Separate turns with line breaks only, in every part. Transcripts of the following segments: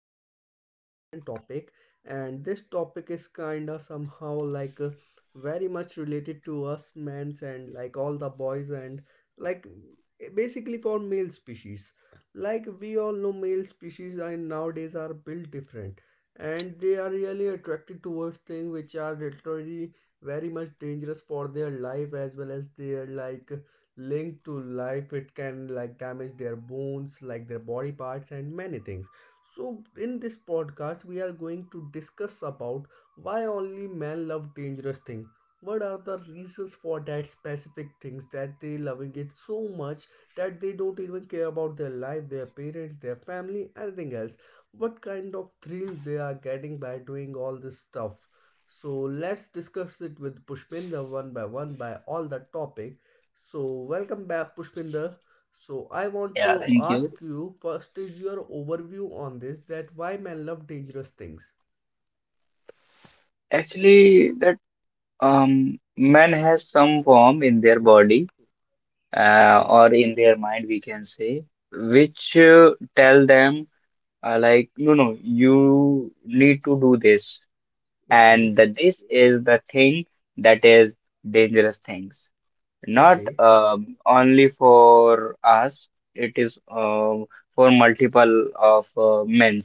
a very important topic. And this topic is kind of somehow like very much related to us men's and like all the boys and like basically for male species. Like we all know, male species and nowadays are built different and they are really attracted towards things which are literally very much dangerous for their life as well as their like linked to life. It can like damage their bones, like their body parts and many things. So in this podcast we are going to discuss about why only men love dangerous thing, what are the reasons for that specific things that they loving it so much, that they don't even care about their life, their parents, their family, anything else, what kind of thrill they are getting by doing all this stuff. So let's discuss it with Pushpinda one by one by all the topics. So, welcome back, Pushpinder. So, I want
Yeah,
to
thank you.
ask you first is your overview on this, that why men love dangerous things.
Actually, that man has some form in their
Okay,
body
okay,
or in their mind, we can say, which tell them like, no, no, you need to do this, and
okay,
that this is the thing that is dangerous things. Not
okay,
only for us, it is for multiple of men.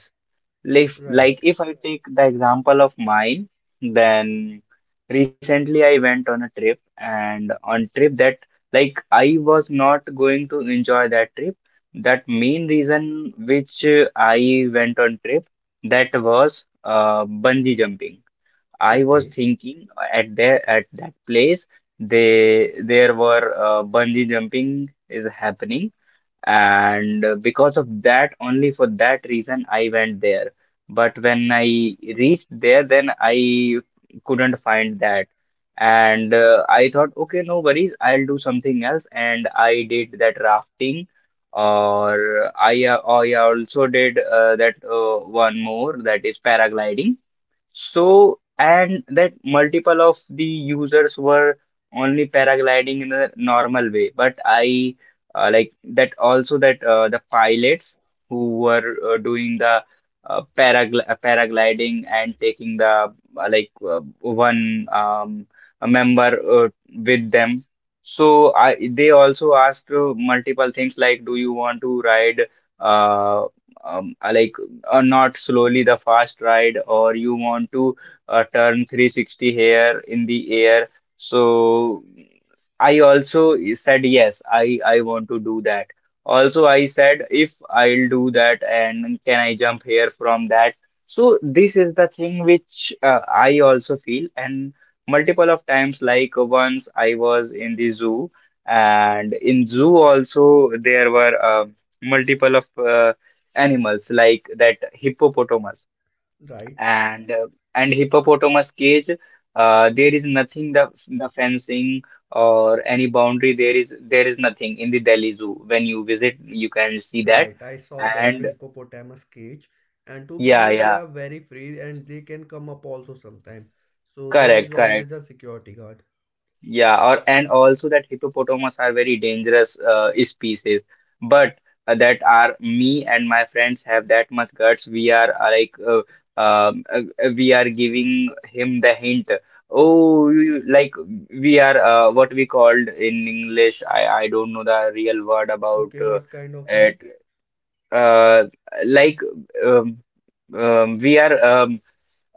Like,
right,
like if I take the example of mine, then recently I went on a trip and on trip that like I was not going to enjoy that trip. That main reason which I went on trip that was bungee jumping. I was
okay,
thinking at there at that place they there were bungee jumping is happening and because of that only for that reason I went there, but when I reached there then I couldn't find that. And I thought, okay, no worries, I'll do something else, and I did that rafting. I also did that one more that is paragliding. So, and that multiple of the users were only paragliding in the normal way, but I, that also that the pilots who were doing the paragliding and taking the one a member with them. So I they also asked multiple things like, do you want to ride uh, um, uh, like or not, slowly, the fast ride, or you want to turn 360 here in the air? So I also said, yes, I want to do that. Also I said, if I'll do that, and can I jump here from that? So this is the thing which I also feel. And multiple of times, like once I was in the zoo, and in zoo also there were multiple of animals like that hippopotamus.
right,
And hippopotamus cage there is nothing, the fencing or any boundary, there is nothing in the Delhi Zoo. When you visit, you can see that.
right. I saw that
And
hippopotamus cage, and to be
yeah,
honest, they
yeah.
are very free and they can come up also sometime. So, there
Correct,
is
correct.
always a security guard.
Yeah, or and also that hippopotamus are very dangerous species, but that are me and my friends have that much guts. We are we are giving him the hint. Oh, like we are what we called in English. I don't know the real word about
Okay, what kind of hint?
it uh, like um, we are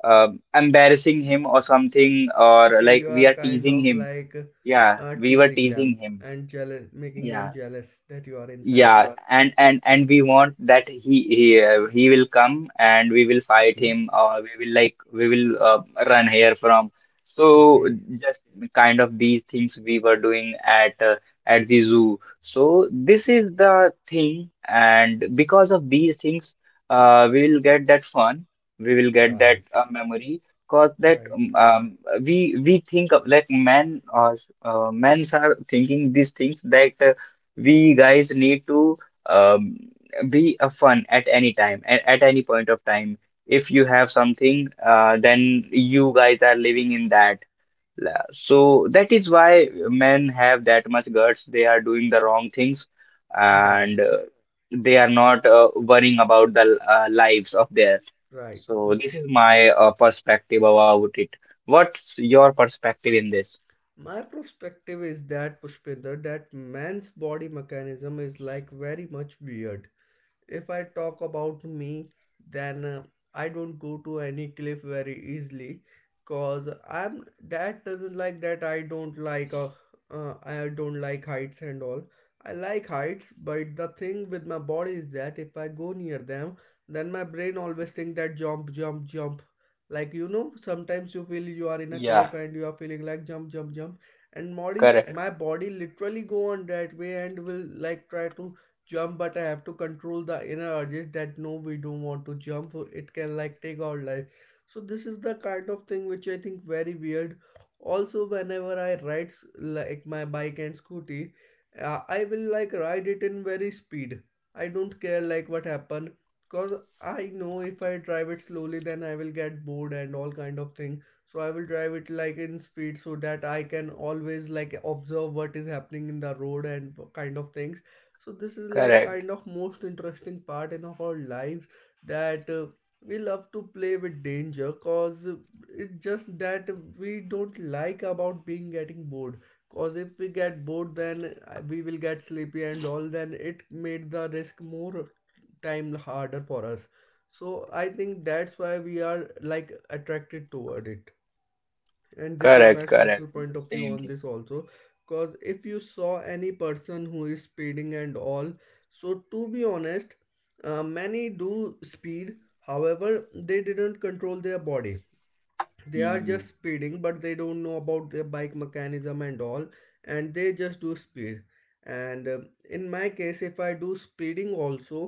embarrassing him or something, or
Okay,
like
you
we are
are kind
teasing
of
him.
like
Yeah, we were
teasing
teasing
them
him.
and jealous, making
Yeah.
them jealous that you are inside.
Yeah. And we want that he will come and we will fight
Okay,
him, or we will like we will run here from. So
okay,
just kind of these things we were doing at the zoo. So this is the thing, and because of these things, we will get that fun. We will get that
right,
memory. Cause that
right,
we think of like men or men's are thinking these things, that we guys need to um, be a fun at any time, at any point of time. If you have something then you guys are living in that. So that is why men have that much guts, they are doing the wrong things,
right,
and they are not worrying about the lives of theirs.
right.
So this is my perspective about it. What's your perspective in this?
My perspective is that Pushpinder, that man's body mechanism is like very much weird. If I talk about me, then I don't go to any cliff very easily, because I'm that doesn't like that I don't like heights and all. I like heights, but the thing with my body is that if I go near them, then my brain always think that jump, jump, jump. Like you know, sometimes you feel you are in a
Yeah.
cliff and you are feeling like jump, jump, jump, and body,
Correct,
my body literally go on that way and will like try to jump, but I have to control the inner urges that no, we don't want to jump, so it can like take our life. So this is the kind of thing which I think very weird. Also whenever I ride like my bike and scooty, I will like ride it in very speed. I don't care like what happen, because I know if I drive it slowly then I will get bored and all kind of thing. So I will drive it like in speed so that I can always like observe what is happening in the road and kind of thing. So this is like
correct.
kind of most interesting part in of our lives, that we love to play with danger, cause it's just that we don't like about being getting bored. Cause if we get bored then we will get sleepy and all, then it made the risk more time harder for us. So I think that's why we are like attracted toward it, and
Correct,
this is my
correct.
social point
Same
of
thing.
view on this also. Because if you saw any person who is speeding and all, so to be honest, many do speed, however they didn't control their body. They are
Mm.
just speeding but they don't know about their bike mechanism and all, and they just do speed. And in my case if I do speeding also,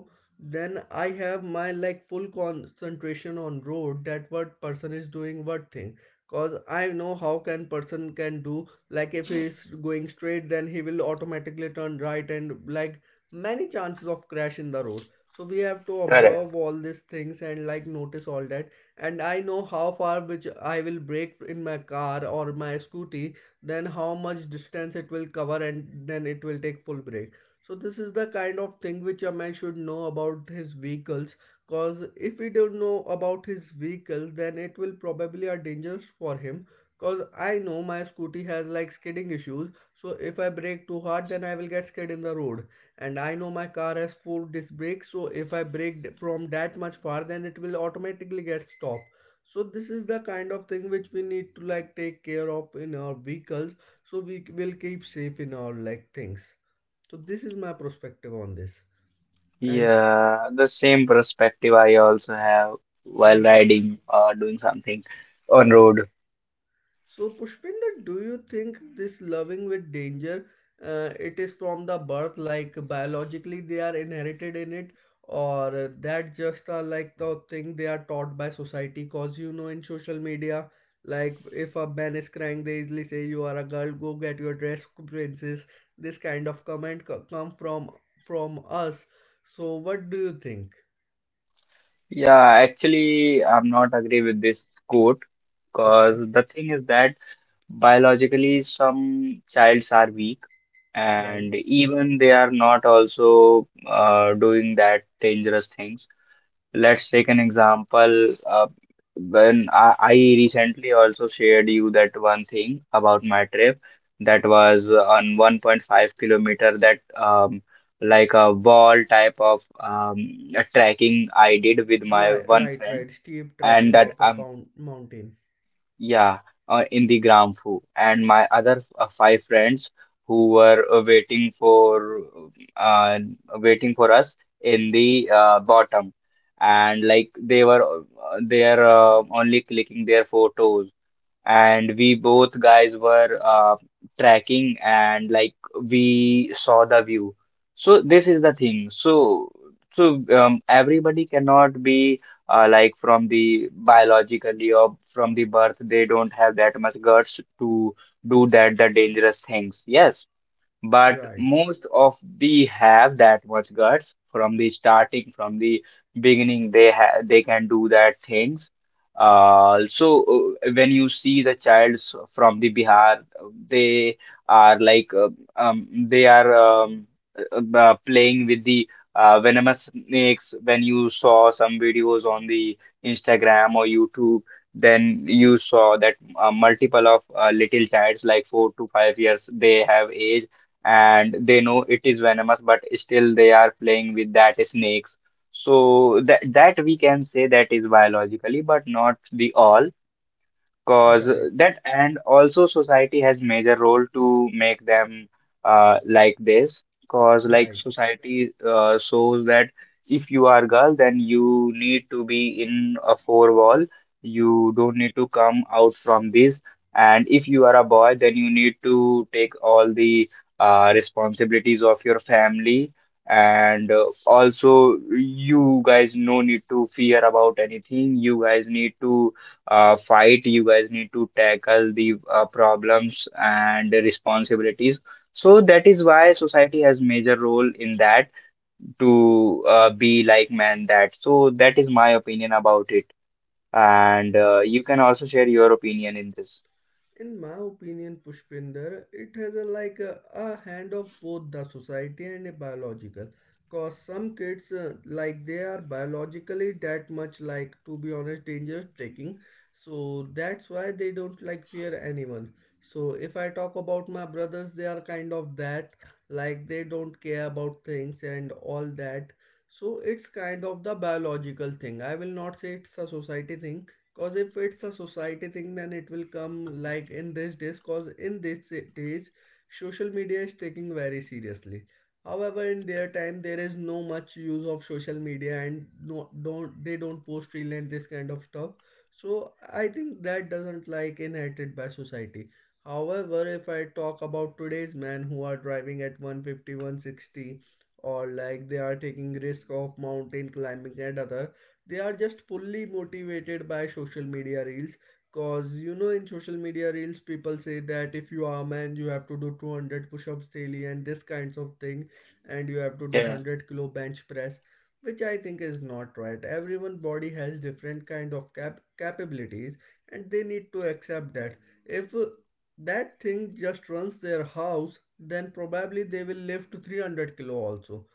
then I have my like full concentration on road, that what person is doing what thing, cause I know how can person can do, like if he is going straight then he will automatically turn right, and like many chances of crash in the road, so we have to
Correct.
observe all these things and like notice all that. And I know how far which I will break in my car or my scooty, then how much distance it will cover and then it will take full break. So this is the kind of thing which a man should know about his vehicles, cause if he don't know about his vehicles then it will probably are dangerous for him. Cause I know my scooty has like skidding issues, so if I brake too hard then I will get skid in the road. And I know my car has four disc brakes. So if I brake from that much far, then it will automatically get stopped. So this is the kind of thing which we need to like take care of in our vehicles, so we will keep safe in our like things. So this is my perspective on this, and
Yeah, the same perspective I also have while
and
riding or doing something on
right.
road.
So, Pushpinder, do you think this loving with danger, it is from the birth, like biologically they are inherited in it, or that just like the thing they are taught by society? Cause you know, in social media, like if a man is crying, they easily say you are a girl, go get your dress, princess. This kind of comment come from us. So, what do you think?
Yeah, actually, I'm not agree with this quote, because
Okay,
the thing is that biologically some childs are weak and
right.
even they are not also doing that dangerous things. Let's take an example. When I recently also shared you that one thing about my trip that was on 1.5 kilometer that like a wall type of a trekking I did with my
Right,
one
right,
friend.
right. Steep
And
trekking
that
of a pound mountain.
yeah, in the Gramfu, and my other five friends who were uh, waiting for us in the bottom, and like they were they are only clicking their photos, and we both guys were tracking, and like we saw the view. So this is the thing. So, everybody cannot be like from the biologically or from the birth, they don't have that much guts to do that the dangerous things, yes, but
Right.
most of the have that much guts from the starting, from the beginning, they can do that things. Uh, so when you see the childs from the Bihar, they are like they are playing with the venomous snakes. When you saw some videos on the Instagram or YouTube, then you saw that multiple of little childs like 4 to 5 years they have age, and they know it is venomous, but still they are playing with that snakes. So that we can say that is biologically, but not the all. Cause
Right,
that and also society has major role to make them like this. Cause like
right.
society shows that if you are girl, then you need to be in a four wall. You don't need to come out from this. And if you are a boy, then you need to take all the responsibilities of your family. And also, you guys no need to fear about anything. You guys need to fight. You guys need to tackle the problems and the responsibilities. So that is why society has major role in that to be like man that. So that is my opinion about it. And you can also share your opinion in this.
In my opinion, Pushpinder, it has a like a hand of both the society and a biological. Cause some kids like they are biologically that much like to be honest dangerous trekking, so that's why they don't like fear anyone. So if I talk about my brothers, they are kind of that, like they don't care about things and all that. So it's kind of the biological thing. I will not say it's a society thing. Cause if it's a society thing, then it will come like in this days. Cause in this days, social media is taking very seriously. However, in their time, there is no much use of social media and no don't they don't post reel and this kind of stuff. So I think that doesn't like inherited by society. However, if I talk about today's men who are driving at 150, 160, or like they are taking risk of mountain climbing and other, they are just fully motivated by social media reels, cause you know in social media reels people say that if you are a man you have to do 200 push-ups daily and this kinds of thing, and you have to do
Yeah,
100-kilo bench press, which I think is not right. Everyone body has different kind of capabilities, and they need to accept that. If that thing just runs their house then probably they will lift to 300 kilo also.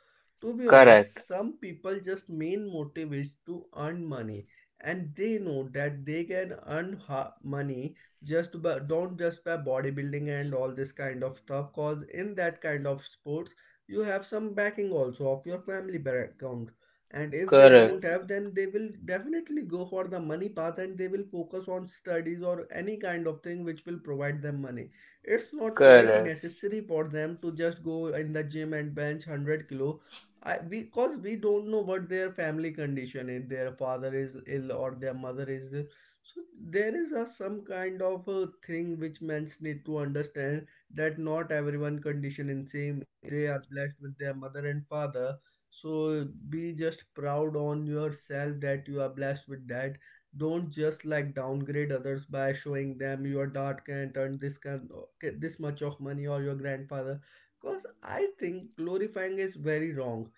To be
correct,
honest, some people just main motive is to earn money, and they know that they can earn money just by, don't just by bodybuilding and all this kind of stuff. Cause in that kind of sports you have some backing also of your family background, and if they don't
correct,
have then they will definitely go for the money path and they will focus on studies or any kind of thing which will provide them money. It's not quite
correct.
necessary for them to just go in the gym and bench 100 kilo. I we, because we don't know what their family condition is. Their father is ill or their mother is ill. So there is a some kind of a thing which men need to understand, that not everyone condition in same. They are blessed with their mother and father. So be just proud on yourself that you are blessed with that. Don't just like downgrade others by showing them your dad can't earn this kind okay, this much of money or your grandfather. Because I think glorifying is very wrong,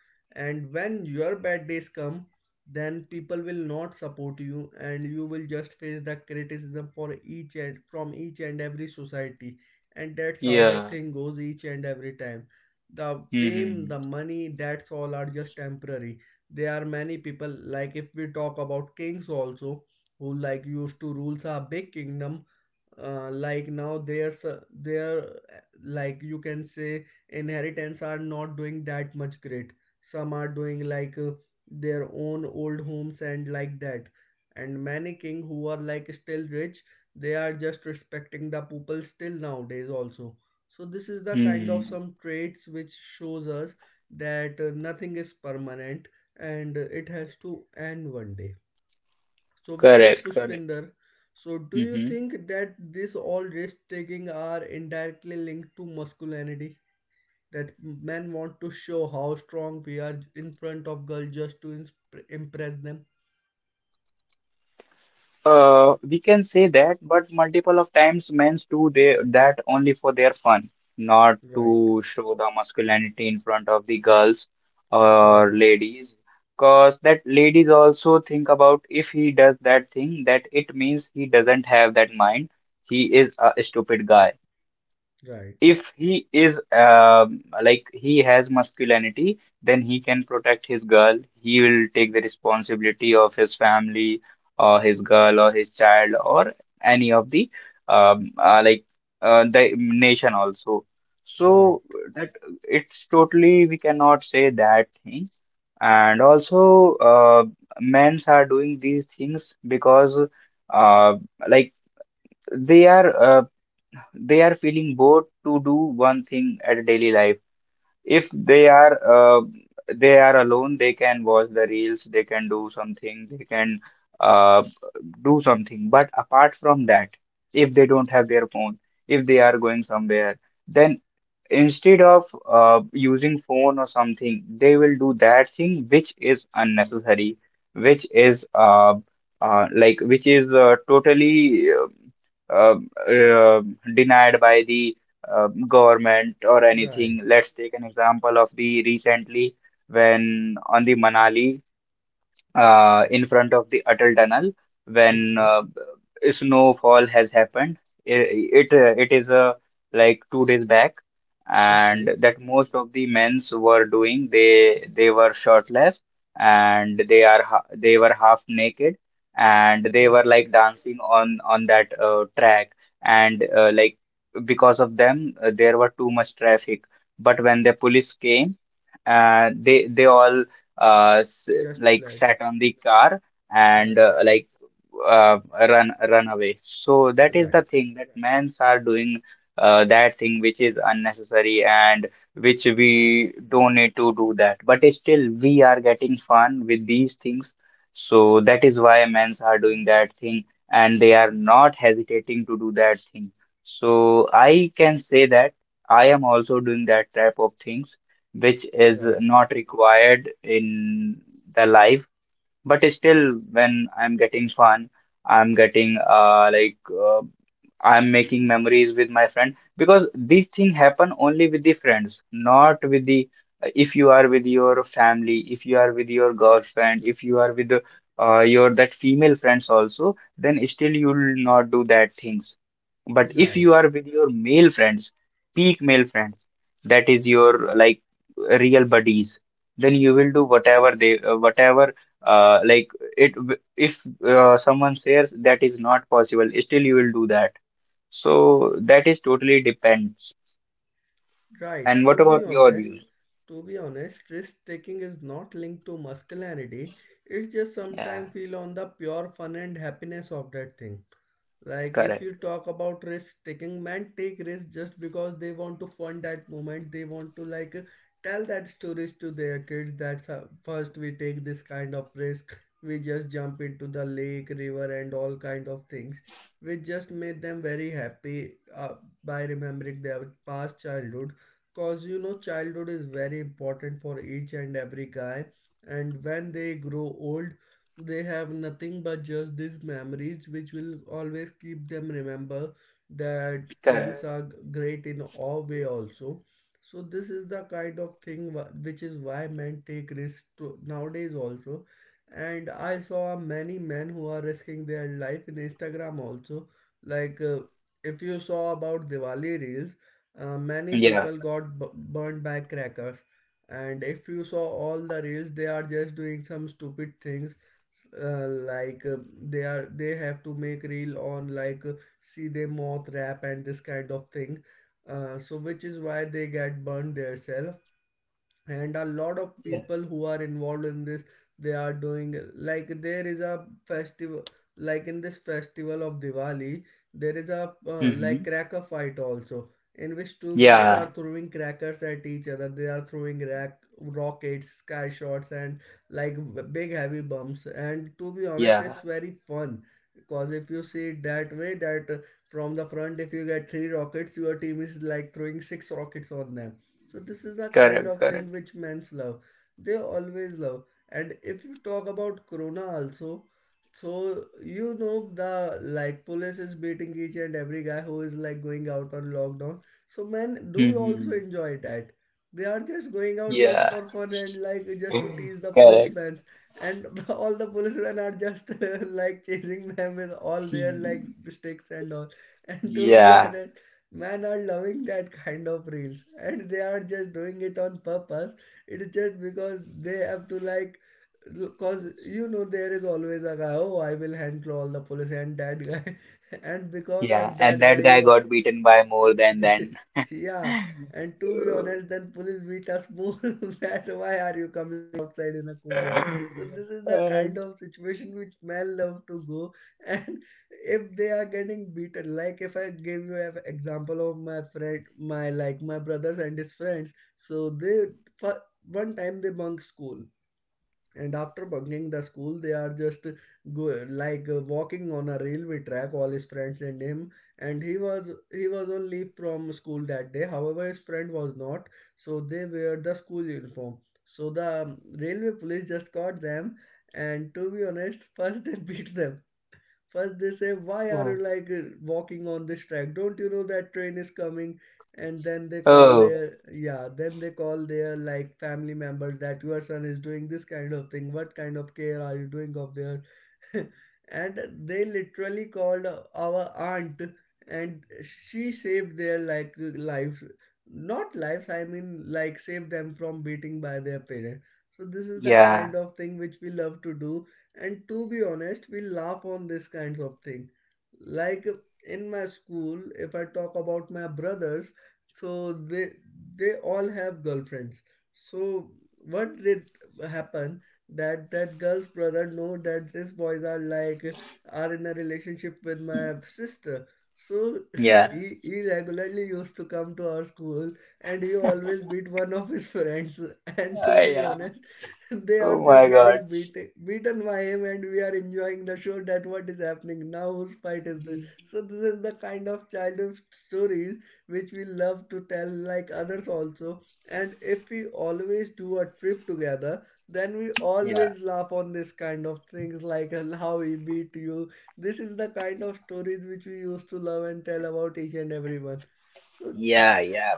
and when your bad days come, then people will not support you and you will just face the criticism for each and from each and every society, and that's how the
Yeah.
thing goes each and every time. The fame, the
Mm-hmm.
money, that's all are just temporary. There are many people, like if we talk about kings also, who like used to rules a big kingdom. Like now there's their like you can say inheritance are not doing that much great. Some are doing like their own old homes and like that. And many king who are like still rich, they are just respecting the people still nowadays also. So this is the kind of
Hmm.
some traits which shows us that nothing is permanent, and it has to end one day. So with this,
Correct, correct.
Pushpinder, so do you
Hmm.
think that this all risk taking are indirectly linked to masculinity, that men want to show how strong we are in front of girls just to impress them?
We can say that, but multiple of times men do they that only for their fun, not
Right,
to show the masculinity in front of the girls
right,
or ladies, cause that ladies also think about, if he does that thing, that it means he doesn't have that mind. He is a stupid guy.
right,
If he is like he has masculinity, then he can protect his girl. He will take the responsibility of his family or his girl or his child or any of the um uh, like the nation also.
right,
So that, it's totally we cannot say that thing. And also, men's are doing these things because uh, like they are uh, they are feeling bored to do one thing at daily life. If they are they are alone, they can watch the reels, they can do something, they can uh, do something. But apart from that, if they don't have their phone, if they are going somewhere, then instead of using phone or something, they will do that thing which is unnecessary, which is which is totally uh, uh, denied by the government or
right.
anything. Let's take an example of the recently when on the Manali in front of the Atal Tunnel when
Okay.
snowfall has happened. It is like 2 days back, and
Okay,
that most of the men's were doing. They were shirtless, and they are ha they were half naked, and they were
right,
like dancing on that track, and because of them there were too much traffic. But when the police came, they all uh, s-
just
like
flat.
sat on the car, and
Right,
uh, run away. So that is
right,
the thing that men's are doing that thing which is unnecessary and which we don't need to do that. But still, we are getting fun with these things. So that is why men's are doing that thing, and they are not hesitating to do that thing. So I can say that I am also doing that type of things which is
right,
not required in the life, but still when I'm getting fun, I'm getting uh, I'm making memories with my friend, because these things happen only with the friends, not with the if you are with your family, if you are with your girlfriend, if you are with your that female friends also, then still you will not do that things. But if
right,
you are with your male friends, peak male friends, that is your like real buddies, then you will do whatever whatever, uh, like it. If someone says that is not possible, still you will do that. So that is totally depends.
right.
And
To
what
be
about your
honest,
views?
to be honest, risk taking is not linked to masculinity. It's just
Yeah,
sometimes feel on the pure fun and happiness of that thing. Like if you
correct.
talk about risk taking, men take risk just because they want to fund that moment. They want to like tell that stories to their kids that first we take this kind of risk. We just jump into the lake, river, and all kind of things, which just made them very happy by remembering their past childhood. Cause you know childhood is very important for each and every guy, and when they grow old, they have nothing but just these memories, which will always keep them remember that things
Correct.
are great in all way also. So this is the kind of thing which is why men take risks to, nowadays also. And I saw many men who are risking their life in Instagram also. Like uh, if you saw about Diwali reels, many
Yeah.
people got burned by crackers, and if you saw all the reels, they are just doing some stupid things, uh, like uh, they are they have to make reel on see they moth rap and this kind of thing. So which is why they get burned theirself. And a lot of people who are involved in this, they are doing like there is a festival, like in this festival of Diwali, there is a
Mm-hmm.
like cracker fight also, in which two groups
Yeah.
are throwing crackers at each other. They are throwing rack, rockets, sky shots, and like big heavy bombs, and to be honest, it's
Yeah.
very fun. Because if you see it that way that from the front if you get three rockets, your team is like throwing six rockets on them. So this is the kind
Correct.
of
Correct.
thing which men's love. They always love. And if you talk about Corona also, so you know the like police is beating each and every guy who is like going out on lockdown. So men do also
Mm-hmm.
enjoy that. They are just going out just
Yeah.
for fun and like just to tease the
Correct.
policemen, and all the policemen are just like chasing them with all their like sticks and all. And to be
Yeah.
honest, men are loving that kind of reels and they are just doing it on purpose. It's just because they have to like, because you know there is always a guy, oh, I will hand all the police and that guy and because
Yeah,
of
and
that guy
that guy
you
got beaten by more than then.
yeah, and to be
So,
honest, then police beat us more. That why are you coming outside in a COVID? So this is the
and-
kind of situation which men love to go. And if they are getting beaten, like if I give you an example of my friend, my like my brothers and his friends, so they for one time they bunk school, and after bunking the school they are just go, walking on a railway track, all his friends and him. And he was on leave from school that day, however his friend was not, so they wear the school uniform. So the railway police just caught them, and to be honest, first they beat them. First, they say, "Why are you walking on this track? Don't you know that train is coming?" And then they call
oh,
their, yeah, then they call their like family members that your son is doing this kind of thing. What kind of care are you doing of their? And they literally called our aunt, and she saved their like lives. Not lives, I mean like saved them from beating by their parent. So this is the
yeah,
kind of thing which we love to do, and to be honest, we laugh on this kinds of thing. Like in my school, if I talk about my brothers, so they all have girlfriends. So what did happen that that girl's brother know that these boys are like are in a relationship with my sister. So
yeah,
he regularly used to come to our school, and he always beat one of his friends. And to be
yeah.
honest, they are
Oh
just
my God.
getting beaten beaten by him and we are enjoying the show that what is happening now, whose fight is this. So this is the kind of childhood stories which we love to tell like others also. And if we always do a trip together, then we
Yeah,
always laugh on this kind of things, like how he beat you. This is the kind of stories which we used to love and tell about each and everyone. So
yeah, yeah.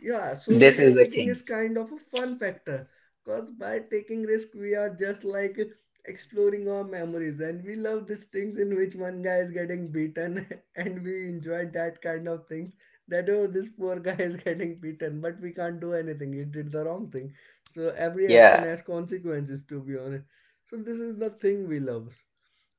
yeah, so
This
risk
is the
taking
thing.
is kind of a fun factor, because by taking risk, we are just like exploring our memories, and we love these things in which one guy is getting beaten, and we enjoy that kind of things. That oh, this poor guy is getting beaten, but we can't do anything. He did the wrong thing. So every action
Yeah,
has consequences, to be honest. So this is the thing we love.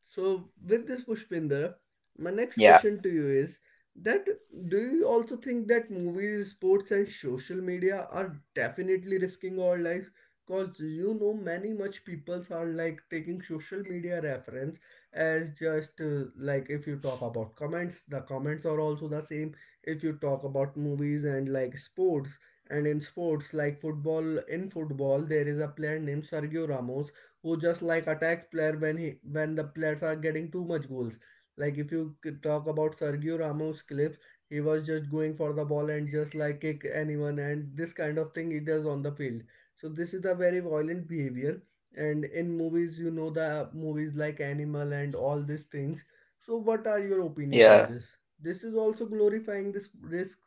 So, with this, Pushpinder, my next
yeah,
question to you is that do you also think that movies, sports, and social media are definitely risking our lives? Because you know, many much peoples are like taking social media reference as just like if you talk about comments, the comments are also the same. If you talk about movies and like sports, and in sports like football, in football, there is a player named Sergio Ramos who just like attacks player when he when the players are getting too much goals. Like if you talk about Sergio Ramos clips, he was just going for the ball and just like kick anyone, and this kind of thing he does on the field. So this is a very violent behavior. And in movies, you know the movies like Animal and all these things. So what are your
yeah.
opinion on this? This is also glorifying this risk,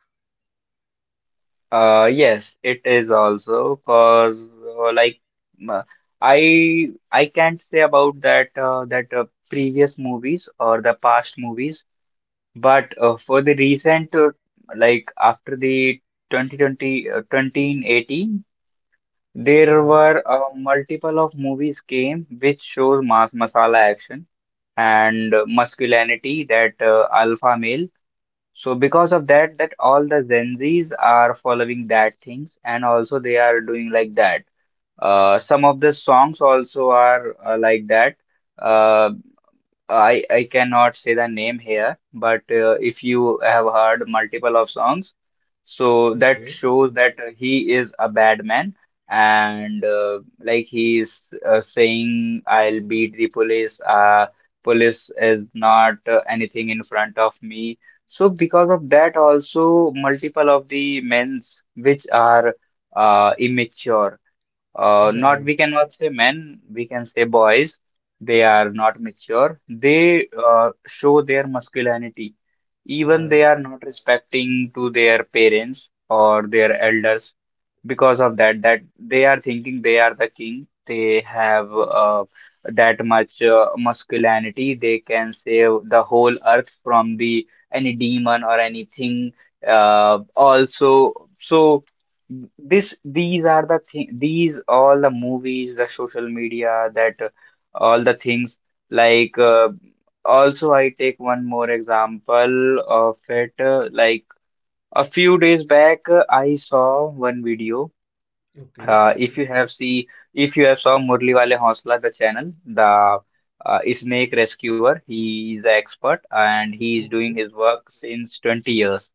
Yes, it is also cause like m- I can't say about that previous movies or the past movies. But for the recent, like after the 2020, 2018, there
right?
were multiple of movies came which shows masala action and masculinity, that alpha male. So because of that all the Gen Zs are following that things, and also they are doing like that. Some of the songs also are like that. Uh, I cannot say the name here, but if you have heard multiple of songs, so that
Okay,
shows that he is a bad man and like he is saying, "I'll beat the police. Police is not anything in front of me." So because of that, also multiple of the men's which are immature, not,
right,
we cannot say men, we can say boys. They are not mature. They show their masculinity. Even they
right.
are not respecting to their parents or their elders, because of that they are thinking they are the king. They have that much masculinity. They can save the whole earth from the any demon or anything. Also, so this these are the thing, these all the movies, the social media, that all the things, like also I take one more example of it, like a few days back, I saw one video.
Okay,
uh, if you have see if you have saw Murli Wale Hausla, the channel, the snake rescuer. He is the expert and he is doing
okay,
his work since 20 years.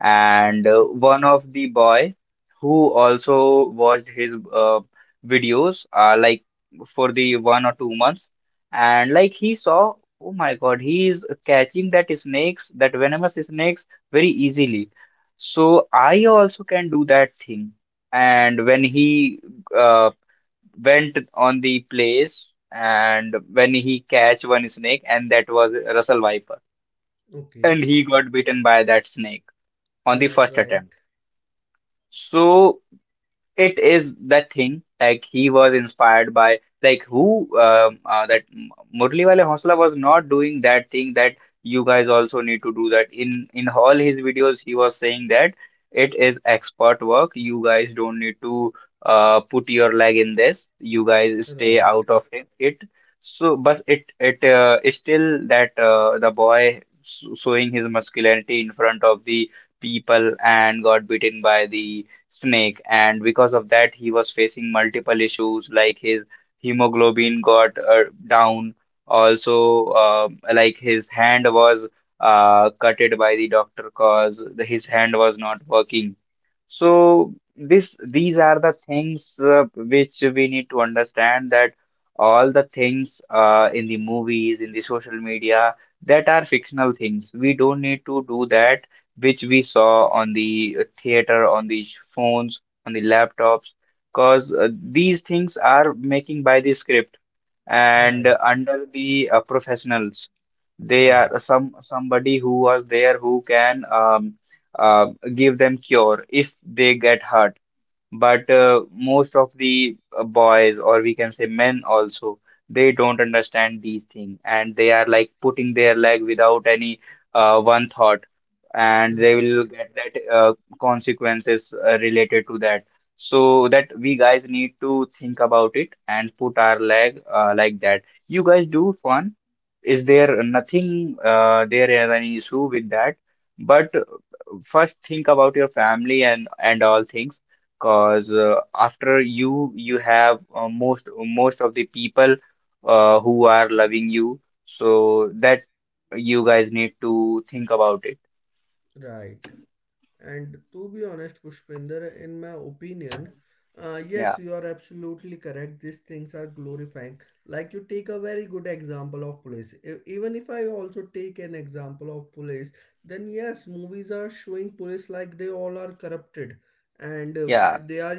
And
okay,
one of the boy who also watched his videos, like for the 1 or 2 months. And like he saw, oh my God, he is catching that snakes, that venomous snakes very easily, so I also can do that thing. And when he uh, went on the place, and when he catch one snake, and that was Russell Viper,
okay.
and he got bitten by that snake on the
Uh,
first
right,
attempt. So it is that thing, like he was inspired by, like who, that Murali Wale Hausla was not doing that thing, that you guys also need to do that. In all his videos he was saying that it is expert work, you guys don't need to put your leg in this, you guys stay
right,
out of it. So but it is still that, the boy showing his masculinity in front of the people and got beaten by the snake, and because of that, he was facing multiple issues like his hemoglobin got down. Also, like his hand was cutted by the doctor, cause his hand was not working. So this these are the things which we need to understand, that all the things, in the movies, in the social media, that are fictional things. We don't need to do that which we saw on the theater, on the phones, on the laptops, because these things are making by the script and
right,
under the professionals. They
right,
are somebody who was there who can, uh, give them cure if they get hurt. But most of the boys, or we can say men also, they don't understand these things and they are like putting their leg without any, one thought, and they
right,
will get that consequences related to that. So that we guys need to think about it and put our leg like that. You guys do fun. Is there nothing, there is any issue with that? But first think about your family and all things, because after you have, most of the people who are loving you, so that you guys need to think about it.
right. And to be honest, Pushpinder, in my opinion, yes,
Yeah.
you are absolutely correct. These things are glorifying. Like you take a very good example of police. Even if I also take an example of police, then yes, movies are showing police like they all are corrupted, and
Yeah.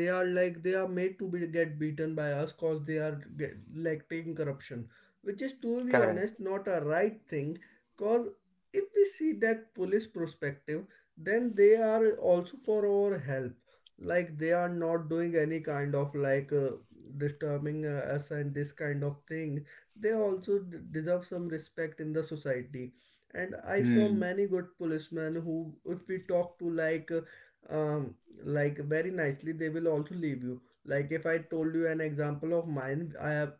they are like they are made to be get beaten by us cause they are get, like taking corruption, which is to be
Correct.
honest not a right thing. Cause if we see that police perspective, then they are also for our help. Like they are not doing any kind of disturbing us and this kind of thing. They also deserve some respect in the society. And I saw
Hmm.
many good policemen who, if we talk to um like very nicely, they will also leave you. Like if I told you an example of mine, I have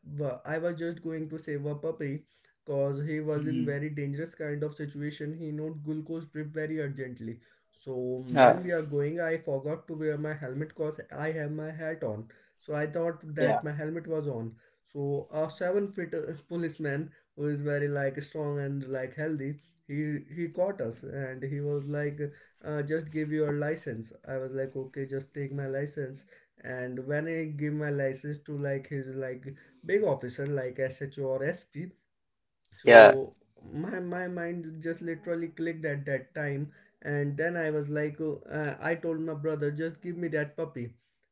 I was just going to save a puppy, cause he was in
Hmm.
very dangerous kind of situation. He needed glucose drip very urgently. So
Yeah.
when we are going, I forgot to wear my helmet because I have my hat on. So I thought
Yeah.
that my helmet was on. So a 7 feet policeman who is very like strong and like healthy, he caught us, and he was like, "Just give your license." I was like, "Okay, just take my license." And when I give my license to like his like big officer like SHO or SP, so
Yeah.
my mind just literally clicked at that time. And then I was like, oh, I told my brother, just give me that puppy.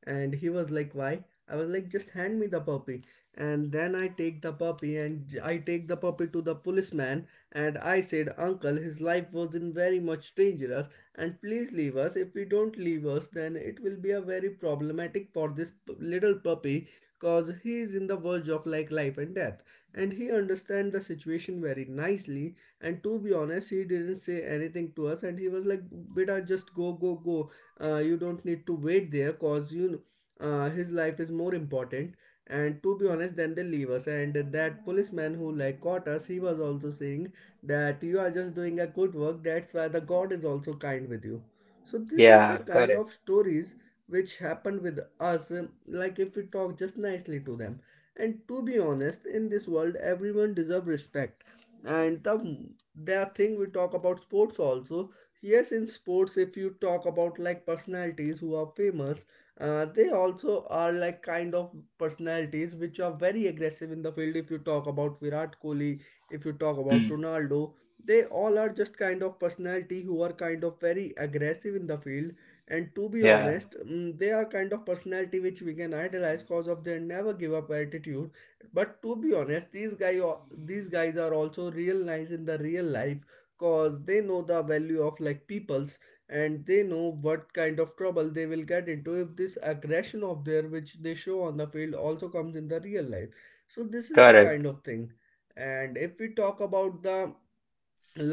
And he was like, why? I was like, just hand me the puppy. And then I take the puppy and I take the puppy to the policeman, and I said, uncle, his life was in very much dangerous, and please leave us. If we don't leave us, then it will be a very problematic for this little puppy, cause he is in the verge of like life and death. And he understand the situation very nicely, and to be honest, he didn't say anything to us, and he was like, beta, just go go go. You don't need to wait there, cause you know, his life is more important. And to be honest, then they leave us, and that policeman who like caught us, he was also saying that you are just doing a good work, that's why the god is also kind with you. So this is the
Yeah.
kind of
Correct.
stories which happen with us, like if we talk just nicely to them. And to be honest, in this world, everyone deserves respect. And the thing we talk about sports also. Yes, in sports, if you talk about like personalities who are famous, they also are like kind of personalities which are very aggressive in the field. If you talk about Virat Kohli, if you talk about
Hmm.
Ronaldo, they all are just kind of personality who are kind of very aggressive in the field. And to be
Yeah.
honest, they are kind of personality which we can idolize cause of their never give up attitude. But to be honest, these guys are also real nice in the real life, cause they know the value of like peoples, and they know what kind of trouble they will get into if this aggression of their which they show on the field also comes in the real life. So this is the kind
Correct.
of thing. And if we talk about the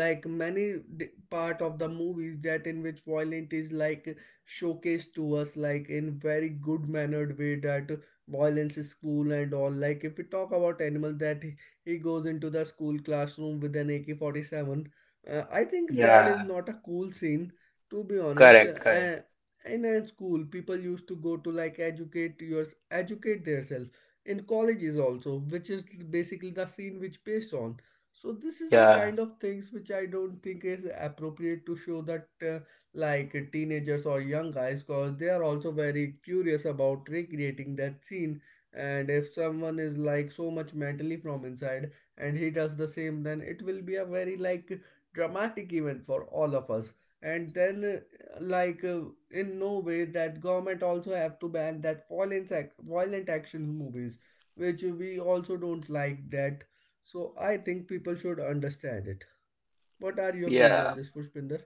part of the movies that in which violent is like showcased to us like in very good mannered way that violence is cool and all, like if we talk about Animal, that he goes into the school classroom with an AK-47. I think that is
Yeah.
not a cool scene. To be honest,
Correct. Correct.
in a school people used to go to like educate themselves, in colleges also, which is basically the scene which based on. So this is the
Yeah.
kind of things which I don't think is appropriate to show that, like teenagers or young guys, because they are also very curious about recreating that scene. And if someone is like so much mentally from inside and he does the same, then it will be a very like dramatic event for all of us. And then like in no way that government also have to ban that violence act violent action movies, which we also don't like that. So I think people should understand it. What are your views on
Yeah.
this, Pushpinder?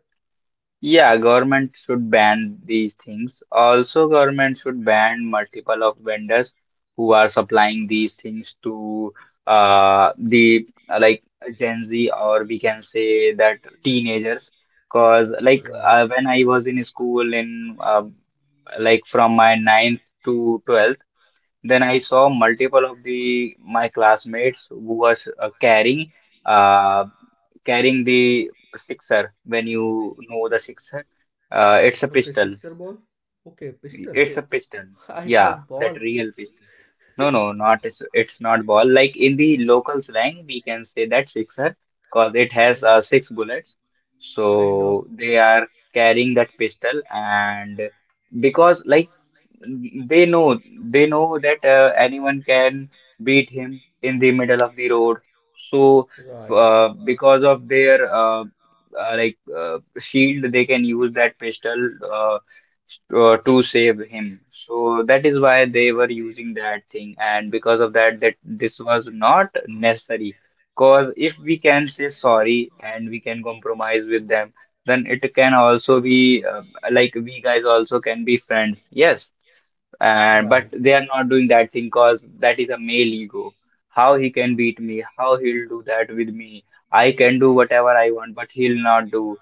Yeah, government should ban these things. Also, government should ban multiple of vendors who are supplying these things to the, like Gen Z, or we can say that teenagers. Cause like,
Right.
when I was in school in, like from my ninth to 12th. Then I saw multiple of the my classmates who was uh, carrying the sixer. When you know the sixer, it's a
Okay,
pistol.
sixer ball. Okay, pistol.
It's a pistol.
I
Yeah,
thought
that
ball.
real pistol. No, no, not it's not ball. Like in the local slang, we can say that sixer because it has
Okay,
six bullets.
kind of.
So they are carrying that pistol, and because like they know that, anyone can beat him in the middle of the road. So
Right,
because of their shield, they can use that pistol. To save him. So that is why they were using that thing, and because of that this was not necessary. Because if we can say sorry and we can compromise with them, then it can also be, like we guys also can be friends. Yes, and but
right.
they are not doing that thing because that is a male ego. How he can beat me, how he'll do that with me? I can do whatever I want, but he'll not do.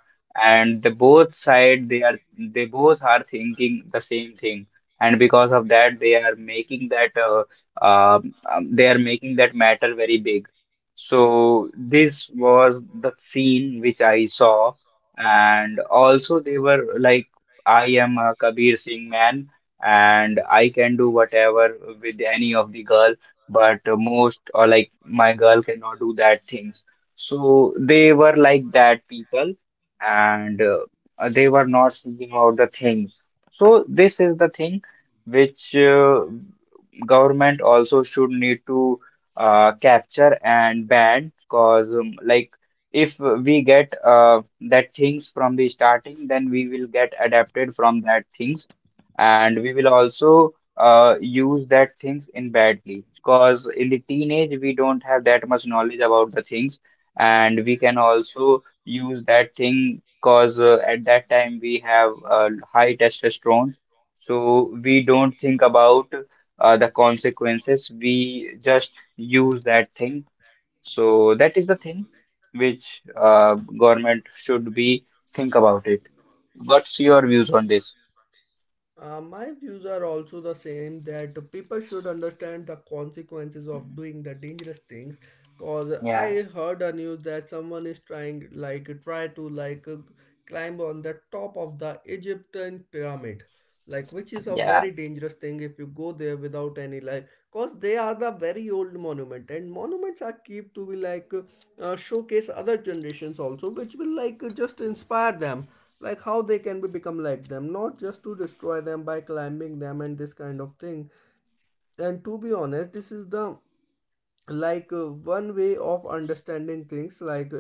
And the both side, they both are thinking the same thing, and because of that, uh, they are making that matter very big. So this was the scene which I saw. And also they were like, I am a Kabir Singh man, and I can do whatever with any of the girl, but most, or like, my girl cannot do that things. So they were like that people, and they were not thinking about the things. So this is the thing which, government also should need to capture and ban, cause, like if we get that things from the starting, then we will get adapted from that things, and we will also use that things in badly, because in the teenage we don't have that much knowledge about the things, and we can also use that thing because, at that time we have, high testosterone. So we don't think about the consequences, we just use that thing. So that is the thing which government should be think about it. What's your views on this?
My views are also the same, that people should understand the consequences of doing the dangerous things. Cause
Yeah.
I heard a news that someone is try to like climb on the top of the Egyptian pyramid, like which is a
Yeah.
very dangerous thing if you go there without any like. Cause they are the very old monument, and monuments are kept to be like showcase other generations also, which will like just inspire them, like how they can be become like them, not just to destroy them by climbing them and this kind of thing. And to be honest, this is the like one way of understanding things, like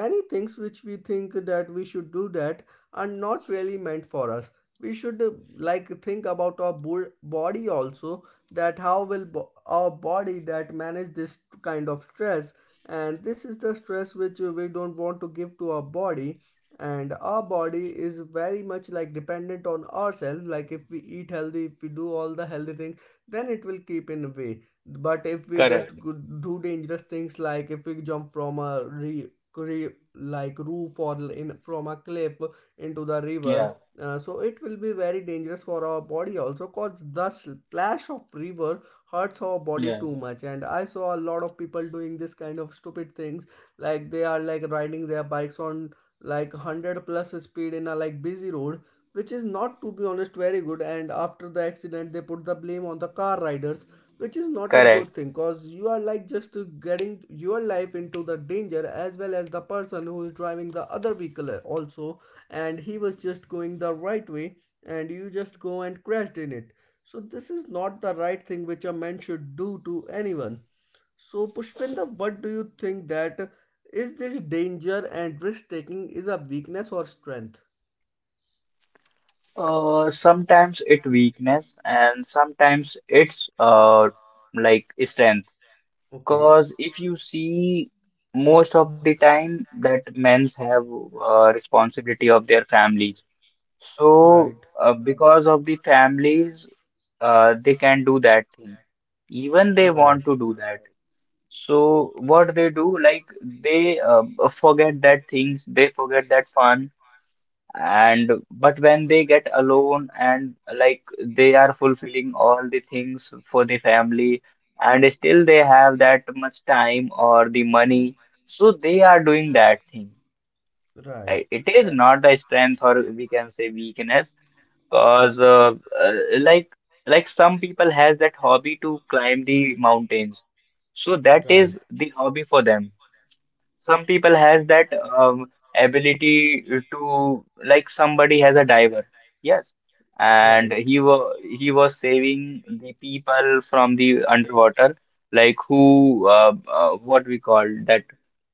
many things which we think that we should do that are not really meant for us. We should, like think about our body also, that how will our body that manage this kind of stress. And this is the stress which, we don't want to give to our body. And our body is very much like dependent on ourselves, like if we eat healthy, if we do all the healthy things, then it will keep in way. But if we just
Correct.
could do dangerous things, like if we jump from a re, re like roof, or in from a cliff into the
Yeah.
river, so it will be very dangerous for our body also, cause the splash of river hurts our body
Yeah.
too much. And I saw a lot of people doing this kind of stupid things, like they are like riding their bikes on like 100 plus speed in a like busy road, which is not, to be honest, very good. And after the accident, they put the blame on the car riders, which is not a
Correct.
good thing, because you are like just getting your life into the danger, as well as the person who is driving the other vehicle also. And he was just going the right way, and you just go and crashed in it. So this is not the right thing which a man should do to anyone. So, Pushpinda, what do you think that, is this danger and risk taking is a weakness or strength?
Sometimes it weakness and sometimes it's like strength.
Okay.
Cause if you see, most of the time that men's have responsibility of their families. So
Right.
because of the families, they can do that thing. Even they
Right.
want to do that. So what they do, like they forget that things, they forget that fun. And but when they get alone, and like they are fulfilling all the things for the family, and still they have that much time or the money, so they are doing that thing.
Right.
It is not the strength, or we can say weakness, because uh, like like some people has that hobby to climb the mountains, so that
Right.
is the hobby for them. Some people has that, um, ability to, like somebody has a diver, yes, and
Right.
he was saving the people from the underwater, like who, what we call that,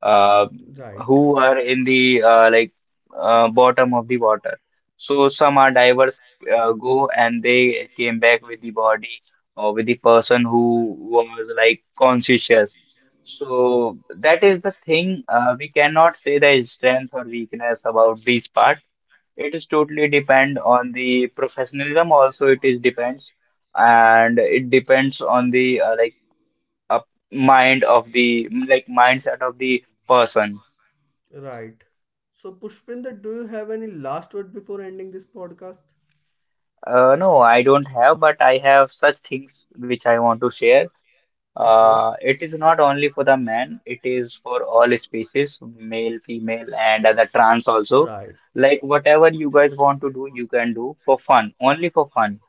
uh,
Right.
who are in the, bottom of the water. So some are divers, go and they came back with the body, or with the person who was like conscious, so that is the thing. We cannot say the strength or weakness about this part. It is totally depend on the professionalism. Also, it is depends, and it depends on the uh, mindset of the person.
Right. So, Pushpinder, do you have any last word before ending this podcast?
No, I don't have, but I have such things which I want to share.
Okay.
It is not only for the man. It is for all species, male, female, and other trans also.
Right.
Like whatever you guys want to do, you can do for fun, only for fun.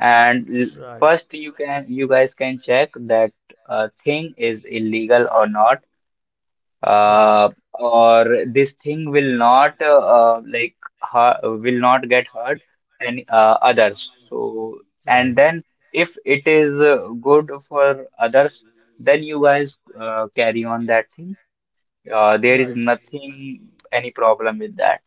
And l-
Right.
First, you guys can check that, thing is illegal or not,
Right.
uh, or this thing will, not like ha will not get hurt any, others. So, and
Right.
then if it is good for others, then you guys carry on that thing. There is
Right.
nothing any problem with that.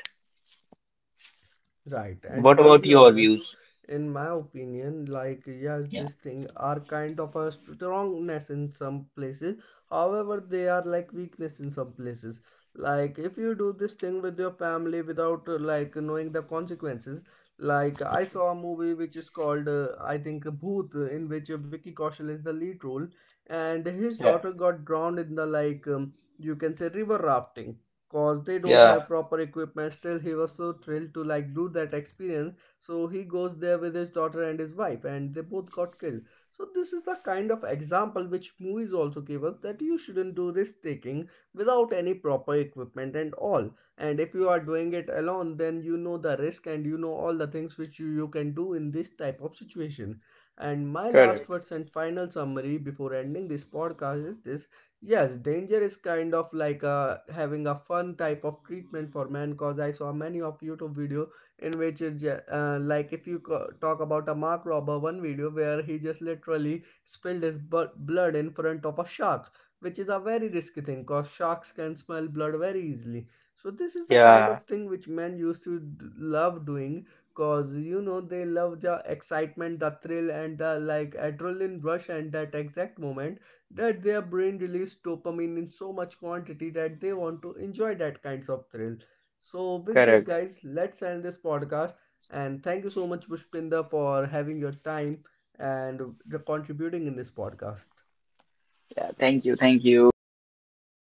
Right.
What
And to
about
be
your
honest,
views?
in my opinion, like yes,
Yeah.
this thing are kind of a strongness in some places, however they are like weakness in some places. Like if you do this thing with your family without, like knowing the consequences, like I saw a movie which is called, I think Booth, in which Vicky Kaushal is the lead role, and his
Yeah,
daughter got drowned in the like, you can say river rafting. Cause they don't
yeah,
have proper equipment, still he was so thrilled to like do that experience. So he goes there with his daughter and his wife, and they both got killed. So this is the kind of example which movies also give us, that you shouldn't do risk taking without any proper equipment and all. And if you are doing it alone, then you know the risk and you know all the things which you can do in this type of situation. And my last
correct.
words and final summary before ending this podcast is this: yes, danger is kind of like a, having a fun type of treatment for man, cause I saw many of YouTube videos, in which like if you talk about a Mark robber one video where he just literally spilled his blood in front of a shark, which is a very risky thing because sharks can smell blood very easily. So this is the kind
Yeah.
of thing which men used to love doing, because you know, they love the excitement, the thrill and the like adrenaline rush, and that exact moment that their brain released dopamine in so much quantity that they want to enjoy that kinds of thrill. So, with this,
Correct.
guys, let's end this podcast. And thank you so much, Pushpinda, for having your time and contributing in this podcast.
Yeah. Thank you, thank you. Bye